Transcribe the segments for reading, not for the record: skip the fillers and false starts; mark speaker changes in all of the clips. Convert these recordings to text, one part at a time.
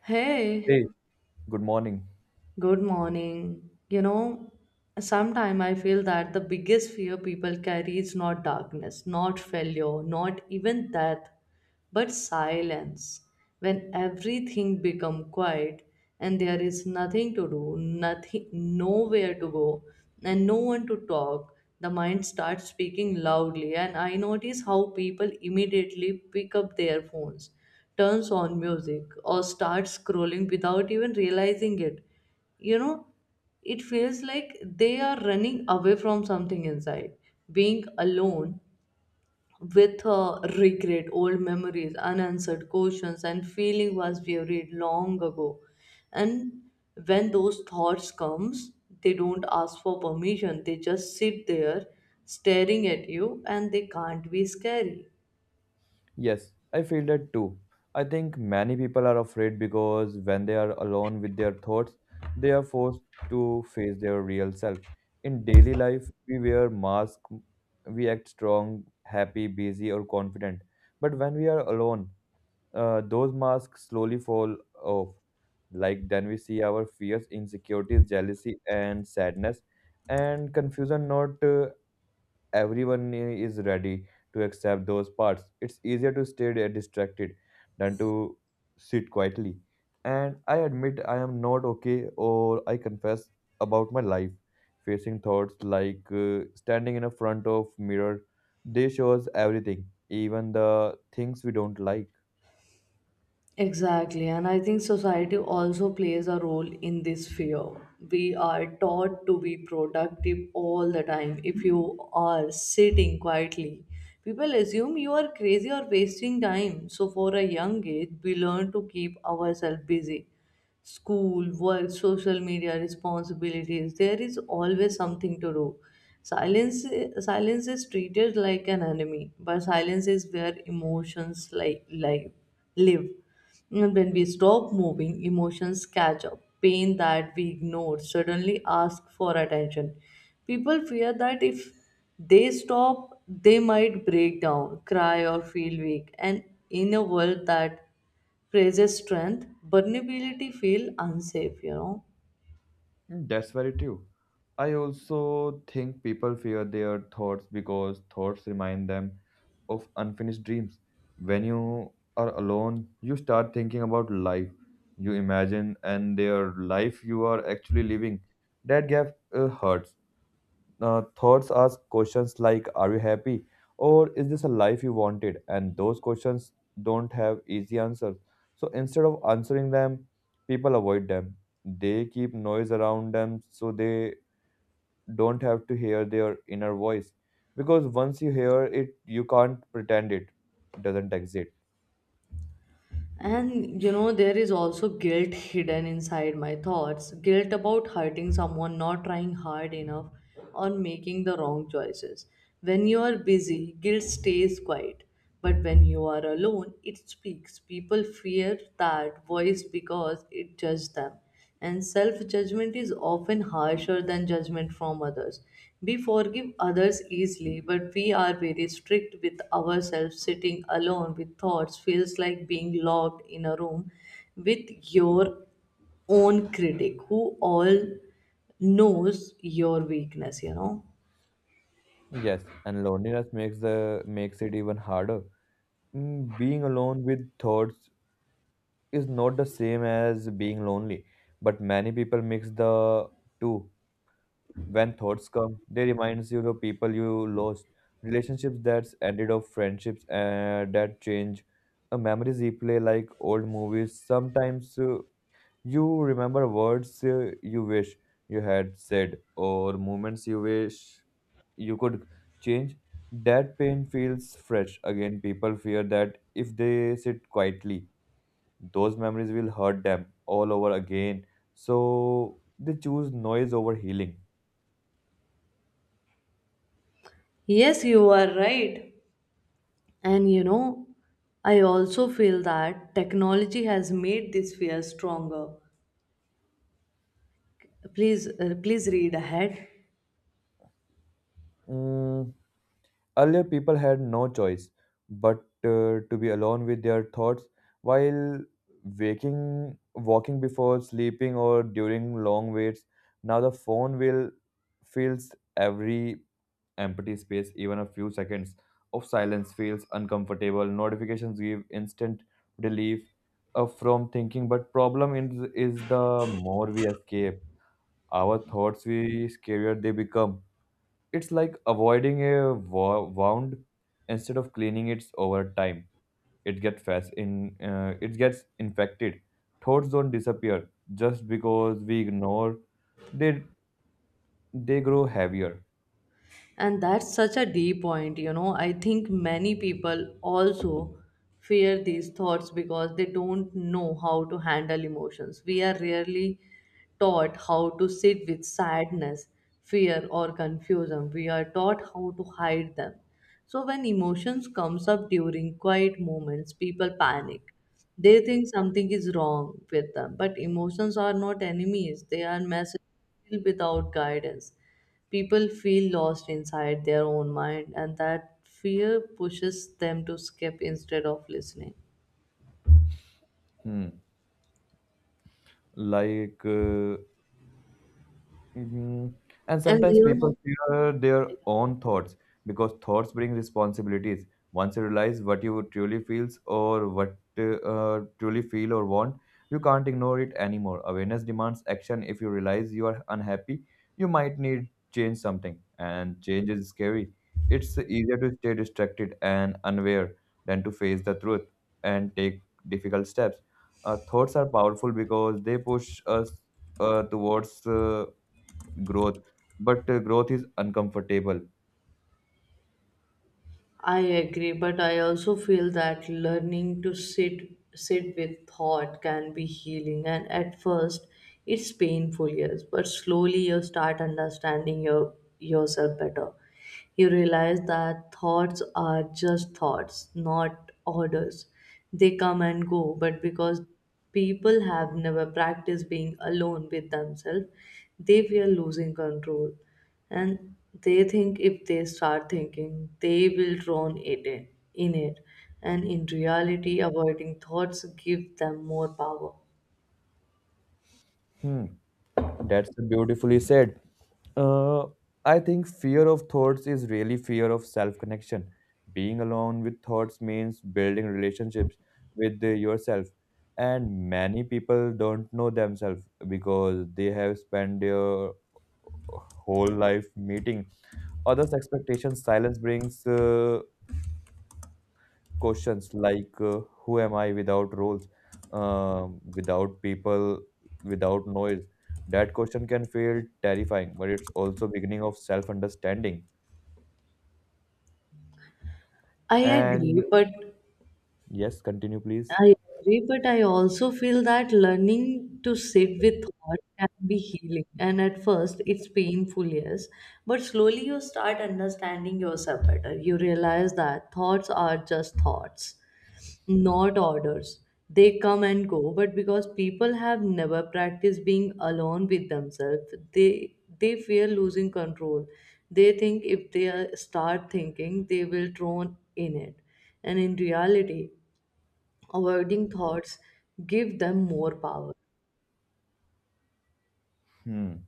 Speaker 1: Hey,
Speaker 2: Hey, good morning.
Speaker 1: good morning. You know, sometimes I feel that the biggest fear people carry is not darkness, not failure, not even death, but silence, when everything become quiet and there is nothing to do, nothing, nowhere to go, and no one to talk, the mind starts speaking loudly. And I notice how people immediately pick up their phones, turns on music, or starts scrolling without even realizing it. You know, it feels like they are running away from something inside. Being alone with regret, old memories, unanswered questions, and feeling was buried long ago. And when those thoughts comes, they don't ask for permission. They just sit there, staring at you, and they can't be scary.
Speaker 2: Yes, I feel that too. I think many people are afraid because when they are alone with their thoughts, they are forced to face their real self. In daily life, we wear masks, we act strong, happy, busy, or confident. But when we are alone, those masks slowly fall off. Like then we see our fears, insecurities, jealousy, and sadness, and confusion not everyone is ready to accept those parts. It's easier to stay distracted than to sit quietly. And I admit I am not okay, or I confess about my life, facing thoughts like standing in a front of mirror. They shows everything, even the things we don't like.
Speaker 1: Exactly, and I think society also plays a role in this fear. We are taught to be productive all the time. If you are sitting quietly, people assume you are crazy or wasting time. So, for a young age, we learn to keep ourselves busy school, work, social media, responsibilities. There is always something to do. Silence, silence is treated like an enemy, but silence is where emotions like live. And when we stop moving, emotions catch up. Pain that we ignore suddenly ask for attention. People fear that if they stop, they might break down, cry, or feel weak. And in a world that praises strength, vulnerability feel unsafe, you know.
Speaker 2: Mm, that's very true. I also think people fear their thoughts because thoughts remind them of unfinished dreams. When you are alone, you start thinking about life you imagine and their life you are actually living. That gap hurts. Thoughts ask questions like, are you happy or is this a life you wanted, and those questions don't have easy answers, so instead of answering them, people avoid them. They keep noise around them so they don't have to hear their inner voice, because once you hear it, you can't pretend it doesn't exist.
Speaker 1: And you know, there is also guilt hidden inside my thoughts guilt about hurting someone, not trying hard enough, or making the wrong choices. When you are busy, guilt stays quiet, but when you are alone, it speaks. People fear that voice because it judges them. And self judgment is often harsher than judgment from others. We forgive others easily, but we are very strict with ourselves. Sitting alone with thoughts feels like being locked in a room with your own critic who all knows your weakness, you know.
Speaker 2: Yes, and loneliness makes it even harder. Mm, being alone with thoughts is not the same as being lonely, but many people mix the two. When thoughts come, they reminds you the people you lost, relationships that's ended of friendships that change, a memories replay like old movies. Sometimes you remember words you wish you had said or moments you wish you could change. That pain feels fresh again. People fear that if they sit quietly, those memories will hurt them all over again. So they choose noise over healing.
Speaker 1: Yes, you are right. And you know, I also feel that technology has made this fear stronger. Please, please read ahead.
Speaker 2: Mm, earlier, people had no choice but to be alone with their thoughts while waking, walking, before sleeping, or during long waits. Now the phone will fills every empty space, even a few seconds of silence feels uncomfortable. Notifications give instant relief from thinking, but problem is the more we escape our thoughts, we scarier they become. It's like avoiding a wound instead of cleaning it over time. It gets fast in, it gets infected. Thoughts don't disappear just because we ignore. They they grow heavier.
Speaker 1: And that's such a deep point, you know. I think many people also fear these thoughts because they don't know how to handle emotions. We are rarely taught how to sit with sadness, fear, or confusion. We are taught how to hide them, so when emotions comes up during quiet moments, people panic. They think something is wrong with them, but emotions are not enemies. They are messages without guidance. People feel lost inside their own mind, and that fear pushes them to skip instead of listening.
Speaker 2: Hmm, like mhm. And
Speaker 1: And
Speaker 2: sometimes
Speaker 1: you
Speaker 2: people
Speaker 1: know,
Speaker 2: fear their own thoughts because thoughts bring responsibilities. Once you realize what you truly feel or want, you can't ignore it anymore. Awareness demands action. If you realize you are unhappy, you might need change something, and change is scary. It's easier to stay distracted and unaware than to face the truth and take difficult steps. Thoughts are powerful because they push us towards growth, but growth is uncomfortable.
Speaker 1: I agree, but I also feel that learning to sit with thought can be healing, and at first it's painful, yes, but slowly you start understanding yourself better. You realize that thoughts are just thoughts, not orders. They come and go, but because people have never practiced being alone with themselves, they fear losing control, and they think if they start thinking they will drown it in it, and in reality avoiding thoughts give them more power.
Speaker 2: Hmm, that's beautifully said. Uh, I think fear of thoughts is really fear of self connection. Being alone with thoughts means building relationships with yourself. And many people don't know themselves because they have spent their whole life meeting others' expectations. Silence brings questions like who am I, without roles, without people, without noise. That question can feel terrifying, but it's also beginning of self understanding.
Speaker 1: i
Speaker 2: And
Speaker 1: agree but
Speaker 2: yes, continue please.
Speaker 1: I agree, but I also feel that learning to sit with thought can be healing, and at first it's painful, yes, but slowly you start understanding yourself better. You realize that thoughts are just thoughts, not orders. They come and go, but because people have never practiced being alone with themselves, they fear losing control. They think if start thinking, they will drown in it. And in reality, avoiding thoughts give them more power.
Speaker 2: Hmm.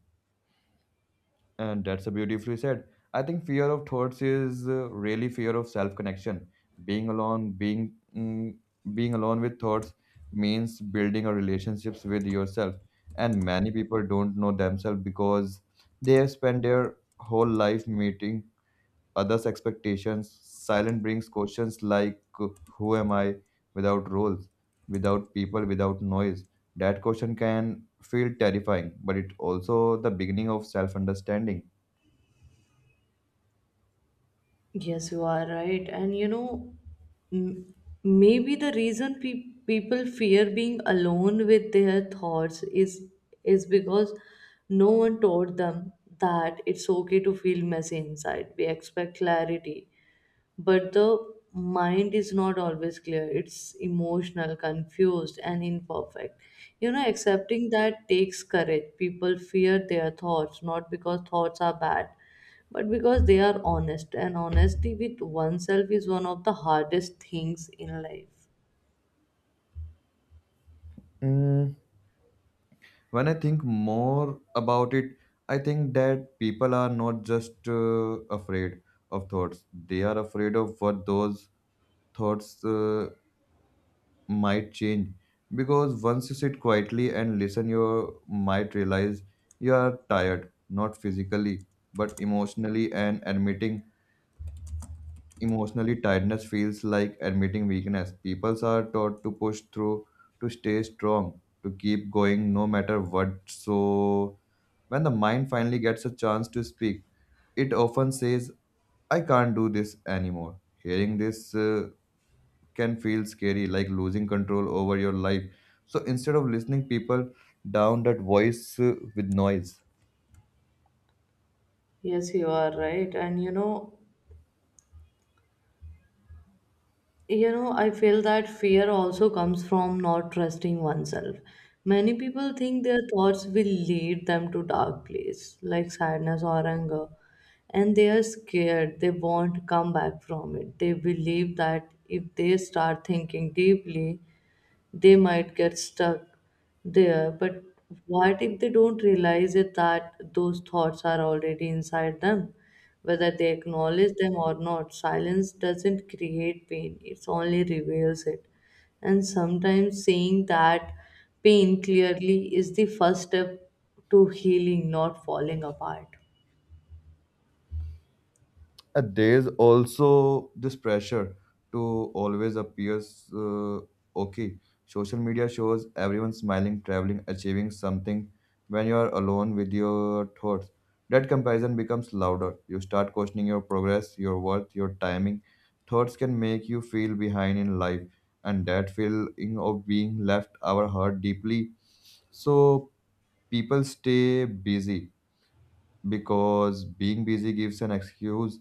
Speaker 2: And that's a beautifully said. I think fear of thoughts is really fear of self connection. Being alone, being mm, being alone with thoughts means building a relationships with yourself. And many people don't know themselves because they have spent their whole life meeting others' expectations. Silence brings questions like "Who am I?" Without roles, without people, without noise. That question can feel terrifying, but it's also the beginning of self understanding.
Speaker 1: Yes, you are right. And you know, m- maybe the reason people fear being alone with their thoughts is because no one taught them that it's okay to feel messy inside. We expect clarity, but the mind is not always clear. It's emotional, confused, and imperfect, you know. Accepting that takes courage. People fear their thoughts not because thoughts are bad, but because they are honest, and honesty with oneself is one of the hardest things in life.
Speaker 2: Mm, when I think more about it, I think that people are not just afraid of thoughts, they are afraid of what those thoughts might change. Because once you sit quietly and listen, you might realize you are tired, not physically, but emotionally, and admitting emotionally, tiredness feels like admitting weakness. People are taught to push through, to stay strong, to keep going no matter what. So, when the mind finally gets a chance to speak, it often says, I can't do this anymore. Hearing this can feel scary, like losing control over your life. So, instead of listening, people down that voice with noise.
Speaker 1: Yes, you are right. And you know, you know, I feel that fear also comes from not trusting oneself. Many people think their thoughts will lead them to dark place like sadness or anger, and they are scared they won't come back from it. They believe that if they start thinking deeply, they might get stuck there. But what if they don't realize it that those thoughts are already inside them? Whether they acknowledge them or not, silence doesn't create pain, it only reveals it. And sometimes saying that pain clearly is the first step to healing, not falling apart.
Speaker 2: There's also this pressure to always appear uh, okay. Social media shows everyone smiling, traveling, achieving something when you are alone with your thoughts. That comparison becomes louder. You start questioning your progress, your worth, your timing. Thoughts can make you feel behind in life, and that feeling of being left our heart deeply. So people stay busy because being busy gives an excuse.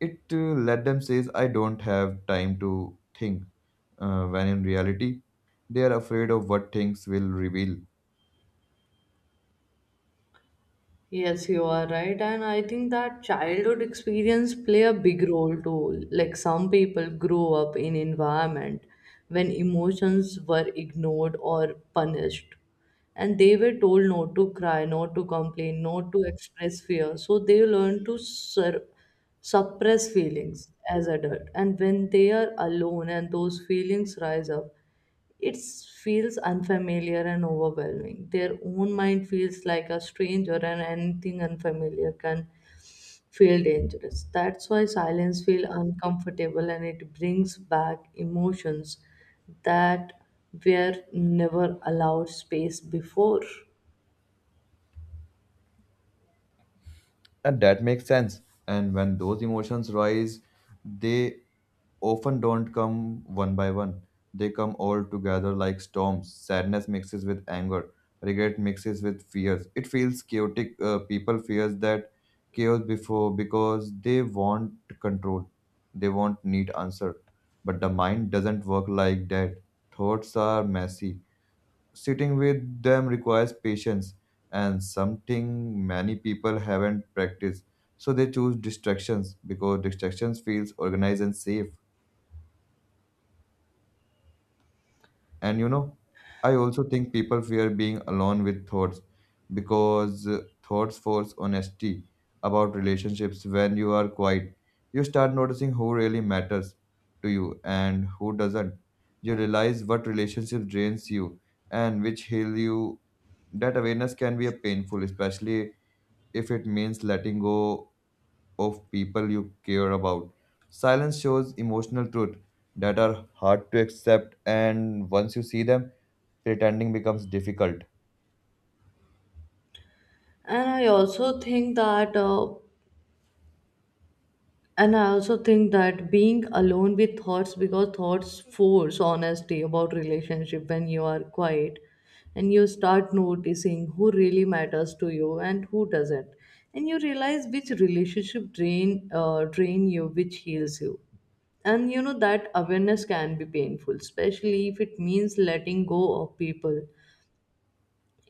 Speaker 2: It let them says, I don't have time to think when in reality they are afraid of what things will reveal.
Speaker 1: Yes, you are right. And I think that childhood experience play a big role too. Like some people grow up in environment when emotions were ignored or punished. And they were told not to cry, not to complain, not to express fear. So they learn to suppress feelings as adult. And when they are alone and those feelings rise up, it feels unfamiliar and overwhelming. Their own mind feels like a stranger, and anything unfamiliar can feel dangerous. That's why silence feels uncomfortable and it brings back emotions that were never allowed space before.
Speaker 2: And that makes sense. And when those emotions rise, they often don't come one by one. They come all together like storms. Sadness mixes with anger, regret mixes with fears. It feels chaotic. People fears that chaos before because they want control. They want neat answer, but the mind doesn't work like that. Thoughts are messy. Sitting with them requires patience and something many people haven't practiced. So they choose distractions because distractions feels organized and safe. And you know, I also think people fear being alone with thoughts because thoughts force honesty about relationships. When you are quiet, you start noticing who really matters to you and who doesn't. You realize what relationship drains you and which heal you. That awareness can be a painful, especially if it means letting go of people you care about. Silence shows emotional truth that are hard to accept, and once you see them, pretending becomes difficult.
Speaker 1: And I also think that. And I also think that being alone with thoughts because thoughts force honesty about relationship when you are quiet, and you start noticing who really matters to you and who doesn't. And you realize which relationship drain you, which heals you. And you know that awareness can be painful, especially if it means letting go of people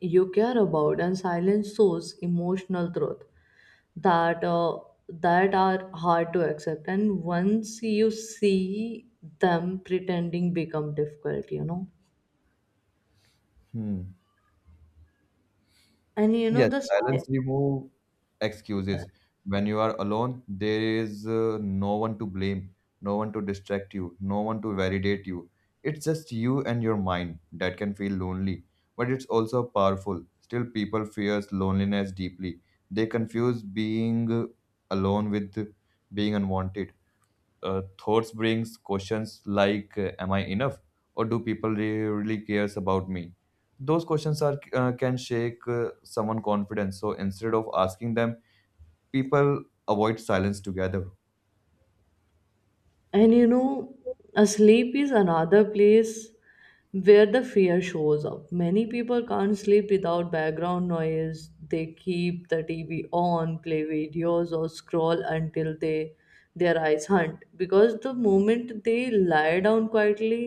Speaker 1: you care about, and silence shows emotional truth that that are hard to accept, and once you see them pretending become difficult, you know.
Speaker 2: Hmm.
Speaker 1: And you know
Speaker 2: Yes,
Speaker 1: the
Speaker 2: silence remove
Speaker 1: yeah.
Speaker 2: excuses. When you are alone, there is no one to blame, no one to distract you, no one to validate you. It's just you and your mind that can feel lonely, but it's also powerful. Still, people fears loneliness deeply. They confuse being alone with being unwanted. Thoughts brings questions like am I enough or do people really cares about me. Those questions are can shake someone confidence, so instead of asking them, people avoid silence together.
Speaker 1: And you know a sleep is another place where the fear shows up. Many people can't sleep without background noise. They keep the TV on, play videos, or scroll until they their eyes hunt, because the moment they lie down quietly,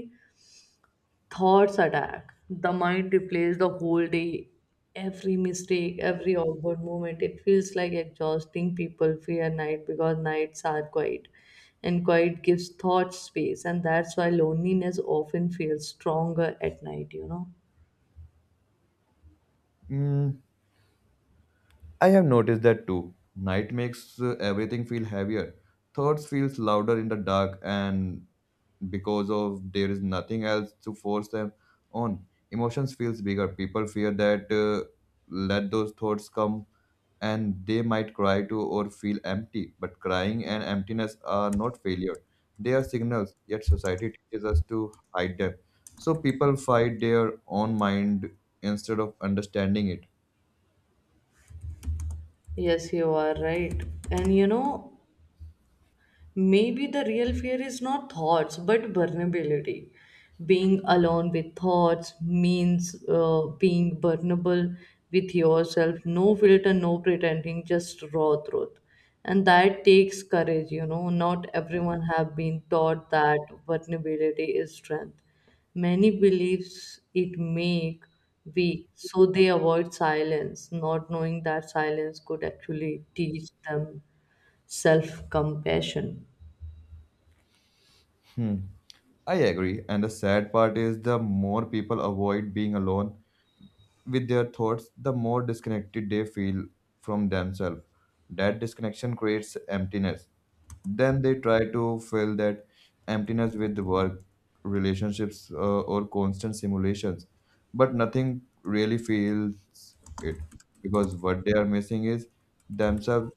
Speaker 1: thoughts attack. The mind replays the whole day, every mistake, every awkward moment. It feels like exhausting. People fear night because nights are quiet, and quiet gives thought space, and that's why loneliness often feels stronger at night, you know.
Speaker 2: Mm, I have noticed that too. Night makes everything feel heavier. Thoughts feels louder in the dark, and because of there is nothing else to force them on, emotions feels bigger. People fear that let those thoughts come and they might cry too or feel empty. But crying and emptiness are not failure, they are signals, yet society teaches us to hide them. So people fight their own mind instead of understanding it.
Speaker 1: Yes, you are right. And you know, maybe the real fear is not thoughts but vulnerability. Being alone with thoughts means being vulnerable with yourself. No filter, no pretending, just raw truth. And that takes courage, you know. Not everyone have been taught that vulnerability is strength. Many believes it make weak, so they avoid silence, not knowing that silence could actually teach them self compassion.
Speaker 2: Hmm. I agree, and the sad part is the more people avoid being alone with their thoughts, the more disconnected they feel from themselves. That disconnection creates emptiness. Then they try to fill that emptiness with work, relationships, or constant simulations. But nothing really feels it, because what they are missing is themselves.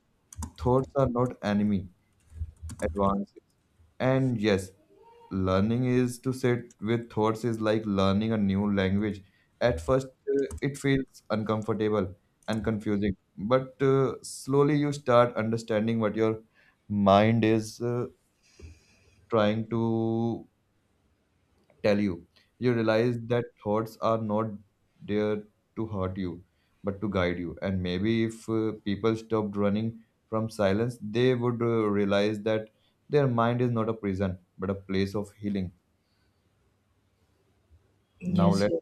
Speaker 2: Thoughts are not enemy, advances. And yes, learning is to sit with thoughts is like learning a new language. At first, it feels uncomfortable and confusing, but slowly you start understanding what your mind is trying to tell you. You realize that thoughts are not there to hurt you, but to guide you. And maybe if people stopped running from silence, they would realize that their mind is not a prison, but a place of healing. Now
Speaker 1: Yes,
Speaker 2: let's
Speaker 1: yes.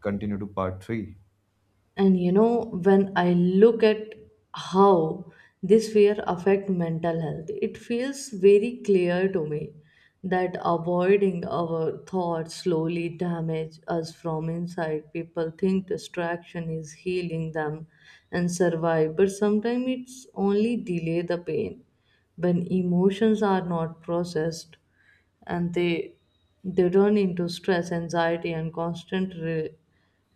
Speaker 2: continue to part three.
Speaker 1: And you know, when I look at how this fear affect mental health, it feels very clear to me that avoiding our thoughts slowly damage us from inside. People think distraction is healing them and survive, but sometimes it's only delay the pain. When emotions are not processed, and they run into stress, anxiety, and constant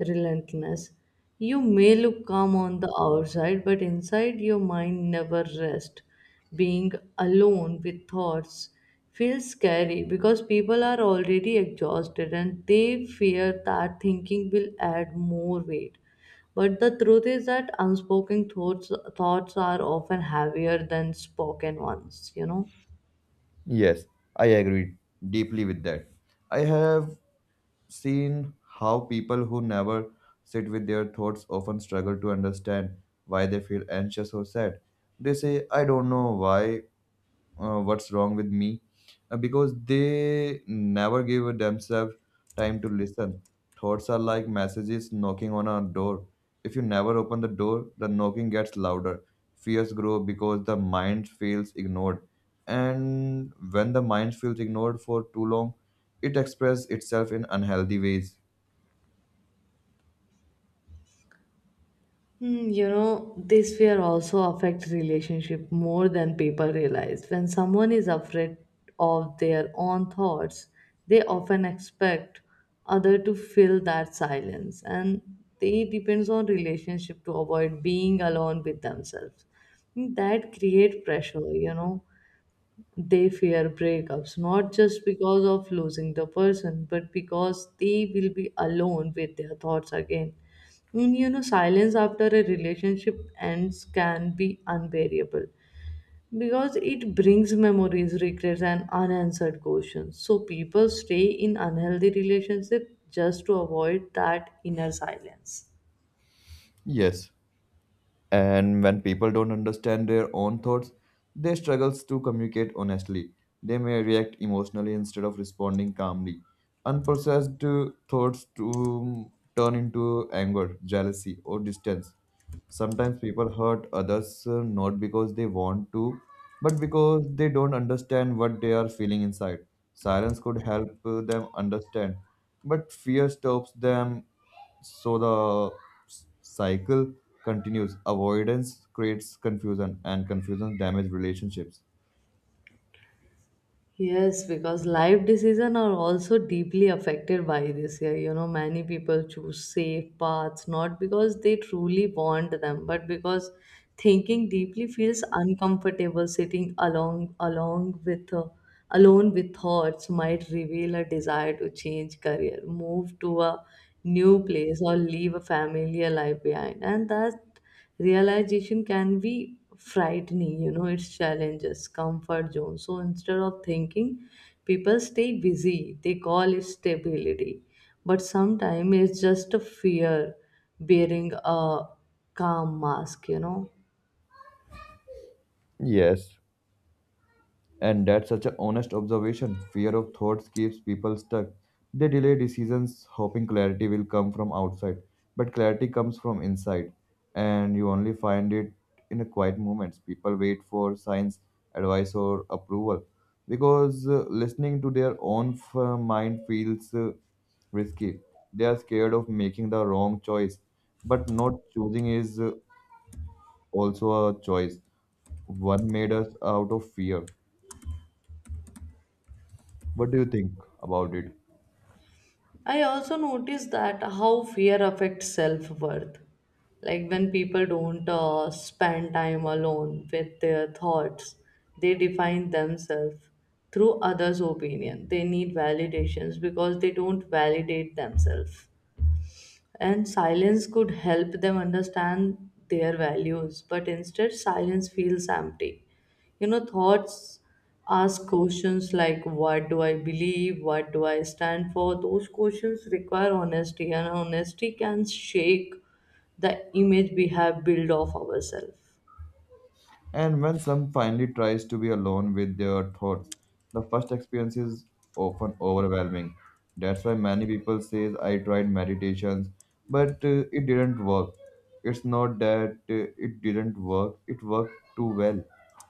Speaker 1: relentlessness. You may look calm on the outside, but inside your mind never rests. Being alone with thoughts feels scary because people are already exhausted and they fear that thinking will add more weight. But the truth is that unspoken thoughts thoughts are often heavier than spoken ones, you know.
Speaker 2: Yes, I agree deeply with that. I have seen how people who never sit with their thoughts often struggle to understand why they feel anxious or sad. They say, I don't know why, what's wrong with me, because they never give themselves time to listen. Thoughts are like messages knocking on a door. If you never open the door, the knocking gets louder. Fears grow because the mind feels ignored. And when the mind feels ignored for too long, it expresses itself in unhealthy ways.
Speaker 1: Hmm, you know, this fear also affects relationship more than people realize. When someone is afraid of their own thoughts, they often expect other to fill that silence, and they depends on relationship to avoid being alone with themselves. Hmm, that create pressure, you know. They fear breakups, not just because of losing the person, but because they will be alone with their thoughts again. And you know, silence after a relationship ends can be unbearable because it brings memories, regrets, and unanswered questions. So people stay in unhealthy relationships just to avoid that inner silence.
Speaker 2: Yes. And when people don't understand their own thoughts, they struggle to communicate honestly. They may react emotionally instead of responding calmly. Unprocessed thoughts to turn into anger, jealousy, or distance. Sometimes people hurt others not because they want to, but because they don't understand what they are feeling inside. Silence could help them understand, but fear stops them, so the cycle continues. Avoidance creates confusion, and confusion damages relationships.
Speaker 1: Yes, because life decisions are also deeply affected by this year. You know, many people choose safe paths not because they truly want them, but because thinking deeply feels uncomfortable. Sitting along along with alone with thoughts might reveal a desire to change career, move to a new place, or leave a familiar life behind, and that realization can be frightening, you know. It's challenges comfort zone, so instead of thinking people stay busy. They call it stability, but sometimes it's just a fear bearing a calm mask, you know.
Speaker 2: Yes, and that's such an honest observation. Fear of thoughts keeps people stuck. They delay decisions hoping clarity will come from outside. But clarity comes from inside. And you only find it in a quiet moments. People wait for signs, advice, or approval. Because listening to their own mind feels risky. They are scared of making the wrong choice. But not choosing is also a choice. One made us out of fear. What do you think about it?
Speaker 1: I also noticed that how fear affects self worth. Like when people don't spend time alone with their thoughts, they define themselves through others' opinion. They need validations because they don't validate themselves, and silence could help them understand their values, but instead silence feels empty, you know. Thoughts ask questions like what do I believe, what do I stand for. Those questions require honesty, and honesty can shake the image we have built of ourselves.
Speaker 2: And when some finally tries to be alone with their thoughts, the first experience is often overwhelming. That's why many people says I tried meditations, but it didn't work. It's not that it didn't work, it worked too well.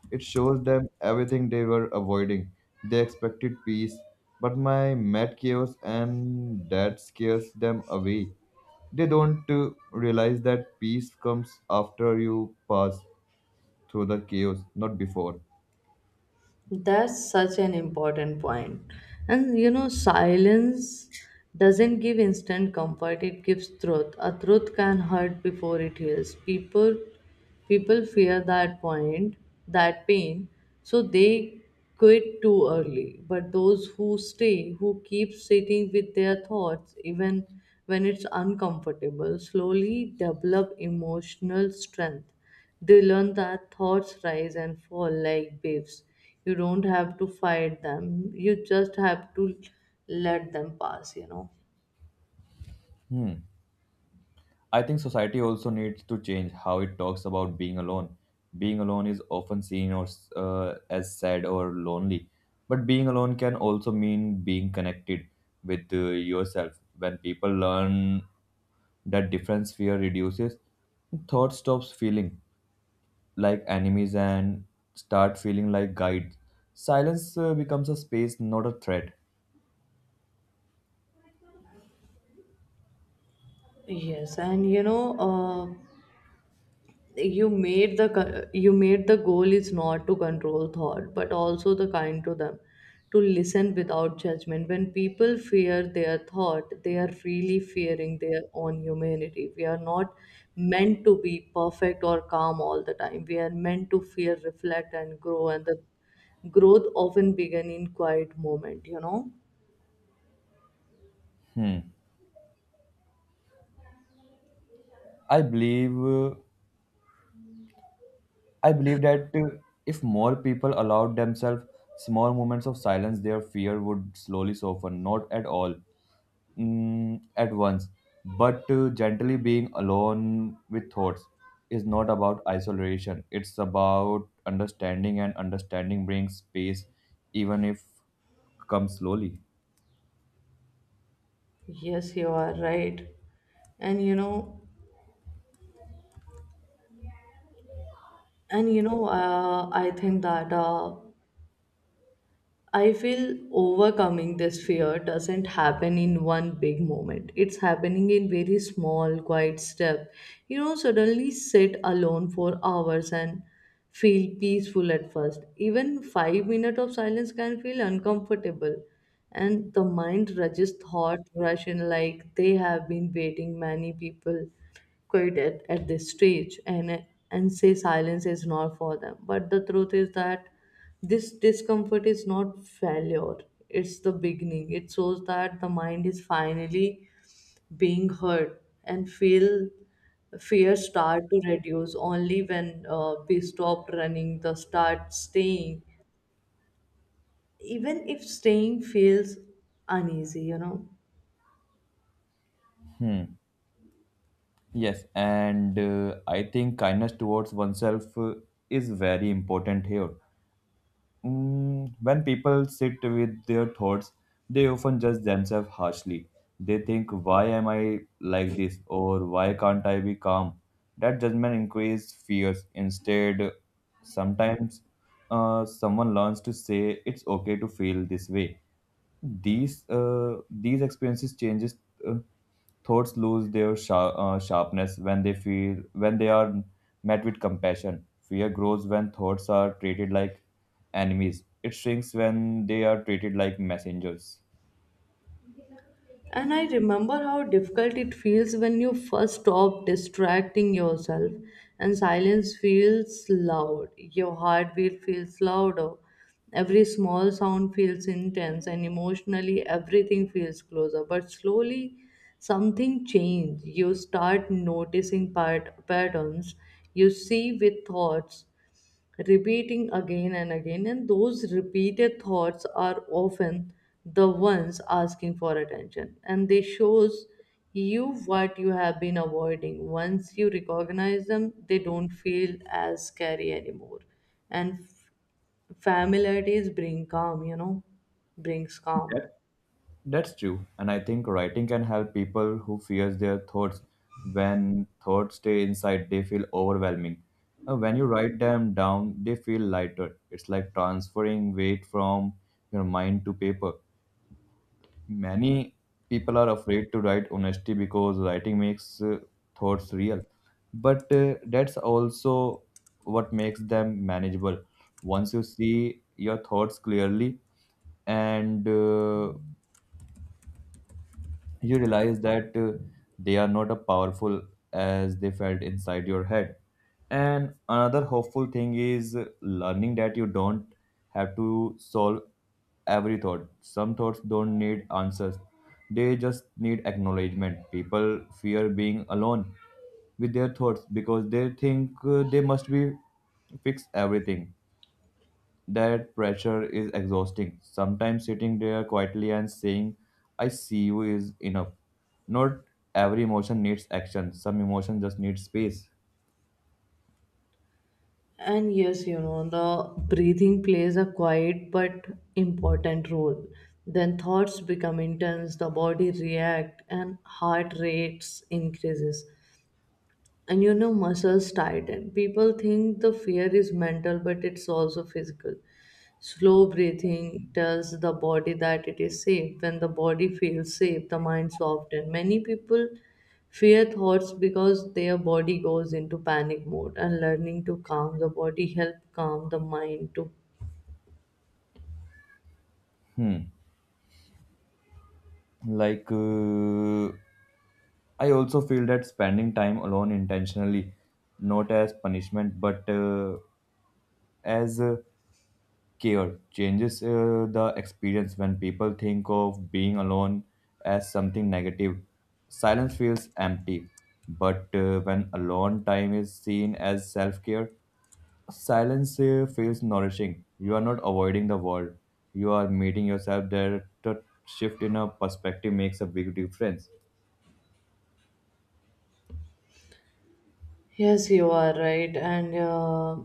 Speaker 2: It shows them everything they were avoiding. They expected peace, but my mad chaos and that scares them away. They don't realize that peace comes after you pass through the chaos, not before.
Speaker 1: That's such an important point. And you know, silence doesn't give instant comfort, it gives truth. A truth can hurt before it heals. People fear that point, that pain, so they quit too early. But those who stay, who keep sitting with their thoughts, even when it's uncomfortable, slowly develop emotional strength. They learn that thoughts rise and fall like waves. You don't have to fight them, you just have to let them pass,
Speaker 2: Hmm. I think society also needs to change how it talks about being alone. Being alone is often seen or as sad or lonely, but being alone can also mean being connected with yourself. When people learn that difference, fear reduces, thought stops feeling like enemies and start feeling like guides. Silence becomes a space, not a threat.
Speaker 1: Yes, and you know, you made you made the goal is not to control thought but also the kind to them, to listen without judgment. When people fear their thought they are really fearing their own humanity. We are not meant to be perfect or calm all the time. We are meant to fear, reflect and grow, and the growth often begin in quiet moment.
Speaker 2: Hmm. I believe uh, I believe that if more people allowed themselves small moments of silence, their fear would slowly soften. Not at all, at once, but gently being alone with thoughts is not about isolation. It's about understanding, and understanding brings space, even if comes slowly.
Speaker 1: Yes, you are right. And you know, and I think that I feel overcoming this fear doesn't happen in one big moment. It's happening in very small, quiet step. You know, suddenly sit alone for hours and feel peaceful at first. Even 5 minutes of silence can feel uncomfortable. And the mind rushes, thought rush in like they have been waiting. Many people quit at this stage, and say silence is not for them. But the truth is that this discomfort is not failure, it's the beginning. It shows that the mind is finally being heard and feel. Fear start to reduce only when we stop running, the start staying, even if staying feels uneasy.
Speaker 2: Hmm. Yes, and I think kindness towards oneself is very important here. When people sit with their thoughts, they often judge themselves harshly. They think, why am I like this? Or why can't I be calm? That judgment increases fears. Instead, sometimes someone learns to say, it's okay to feel this way. These experiences changes. Uh, Thoughts lose their sharpness when they feel when they are met with compassion. Fear grows when thoughts are treated like enemies. It shrinks when they are treated like messengers.
Speaker 1: And I remember how difficult it feels when you first stop distracting yourself and silence feels loud. Your heartbeat feels louder. Every small sound feels intense, and emotionally everything feels closer. But slowly something changes. You start noticing patterns, you see with thoughts repeating again and again, and those repeated thoughts are often the ones asking for attention, and they shows you what you have been avoiding. Once you recognize them, they don't feel as scary anymore, and familiarities bring calm. You know, brings calm.
Speaker 2: That, that's true, and I think writing can help people who fears their thoughts. When thoughts stay inside, they feel overwhelming. When you write them down, they feel lighter. It's like transferring weight from your mind to paper. Many people are afraid to write honesty because writing makes thoughts real. But that's also what makes them manageable. Once you see your thoughts clearly and you realize that they are not as powerful as they felt inside your head. And another hopeful thing is learning that you don't have to solve every thought. Some thoughts don't need answers, they just need acknowledgement. People fear being alone with their thoughts because they think they must be fix everything that pressure is exhausting. Sometimes sitting there quietly and saying, I see you is enough. Not every emotion needs action, some emotion just needs space.
Speaker 1: And yes, you know, the breathing plays a quiet but important role. Then thoughts become intense, the body react and heart rates increases, and you know, muscles tighten. People think the fear is mental but it's also physical. Slow breathing tells the body that it is safe. When the body feels safe the mind softens. Many people fear thoughts because their body goes into panic mode, and learning to calm the body help calm the mind too.
Speaker 2: Hmm. Like, I also feel that spending time alone intentionally, not as punishment, but as care changes the experience when people think of being alone as something negative, silence feels empty, but when alone time is seen as self-care, silence feels nourishing. You are not avoiding the world, you are meeting yourself there. The shift in a perspective makes a big difference.
Speaker 1: Yes, you are right. And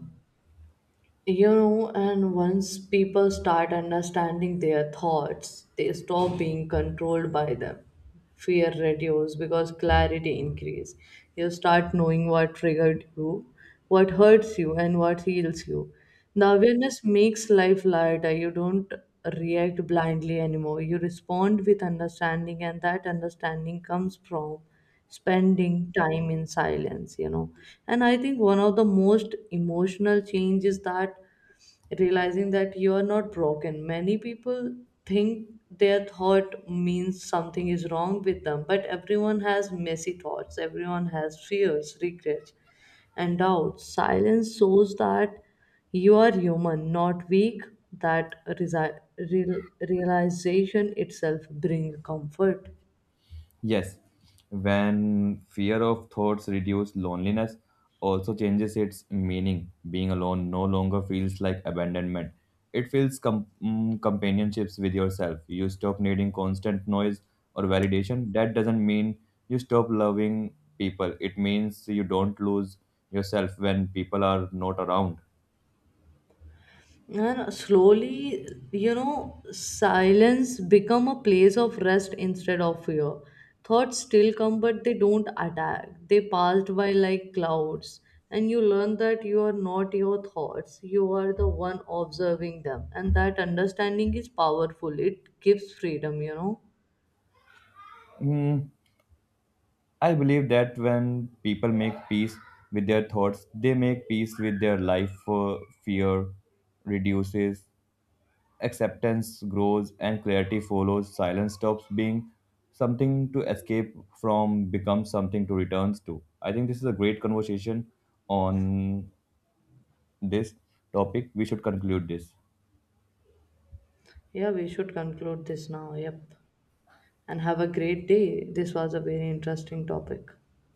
Speaker 1: you know, and once people start understanding their thoughts, they stop being controlled by them. Fear reduces because clarity increases. You start knowing what triggered you, what hurts you, and what heals you. The awareness makes life lighter. You don't react blindly anymore. You respond with understanding, and that understanding comes from spending time in silence. And I think one of the most emotional change is that realizing that you are not broken. Many people think their thought means something is wrong with them, but everyone has messy thoughts. Everyone has fears, regrets and doubts. Silence shows that you are human, not weak. That real- realization itself brings comfort.
Speaker 2: Yes, when fear of thoughts reduce loneliness also changes its meaning. Being alone no longer feels like abandonment. It feels companionships with yourself. You stop needing constant noise or validation. That doesn't mean you stop loving people. It means you don't lose yourself when people are not around.
Speaker 1: And slowly, you know, silence become a place of rest instead of fear. Thoughts still come, but they don't attack. They passed by like clouds. And you learn that you are not your thoughts. You are the one observing them. And that understanding is powerful. It gives freedom, you know.
Speaker 2: Hmm, I believe that when people make peace with their thoughts, they make peace with their life. For fear reduces, acceptance grows, and clarity follows. Silence stops being something to escape from, becomes something to returns to. I think this is a great conversation on this topic. We should conclude this.
Speaker 1: Yeah, we should conclude this now. Yep. And have a great day. This was a very interesting topic.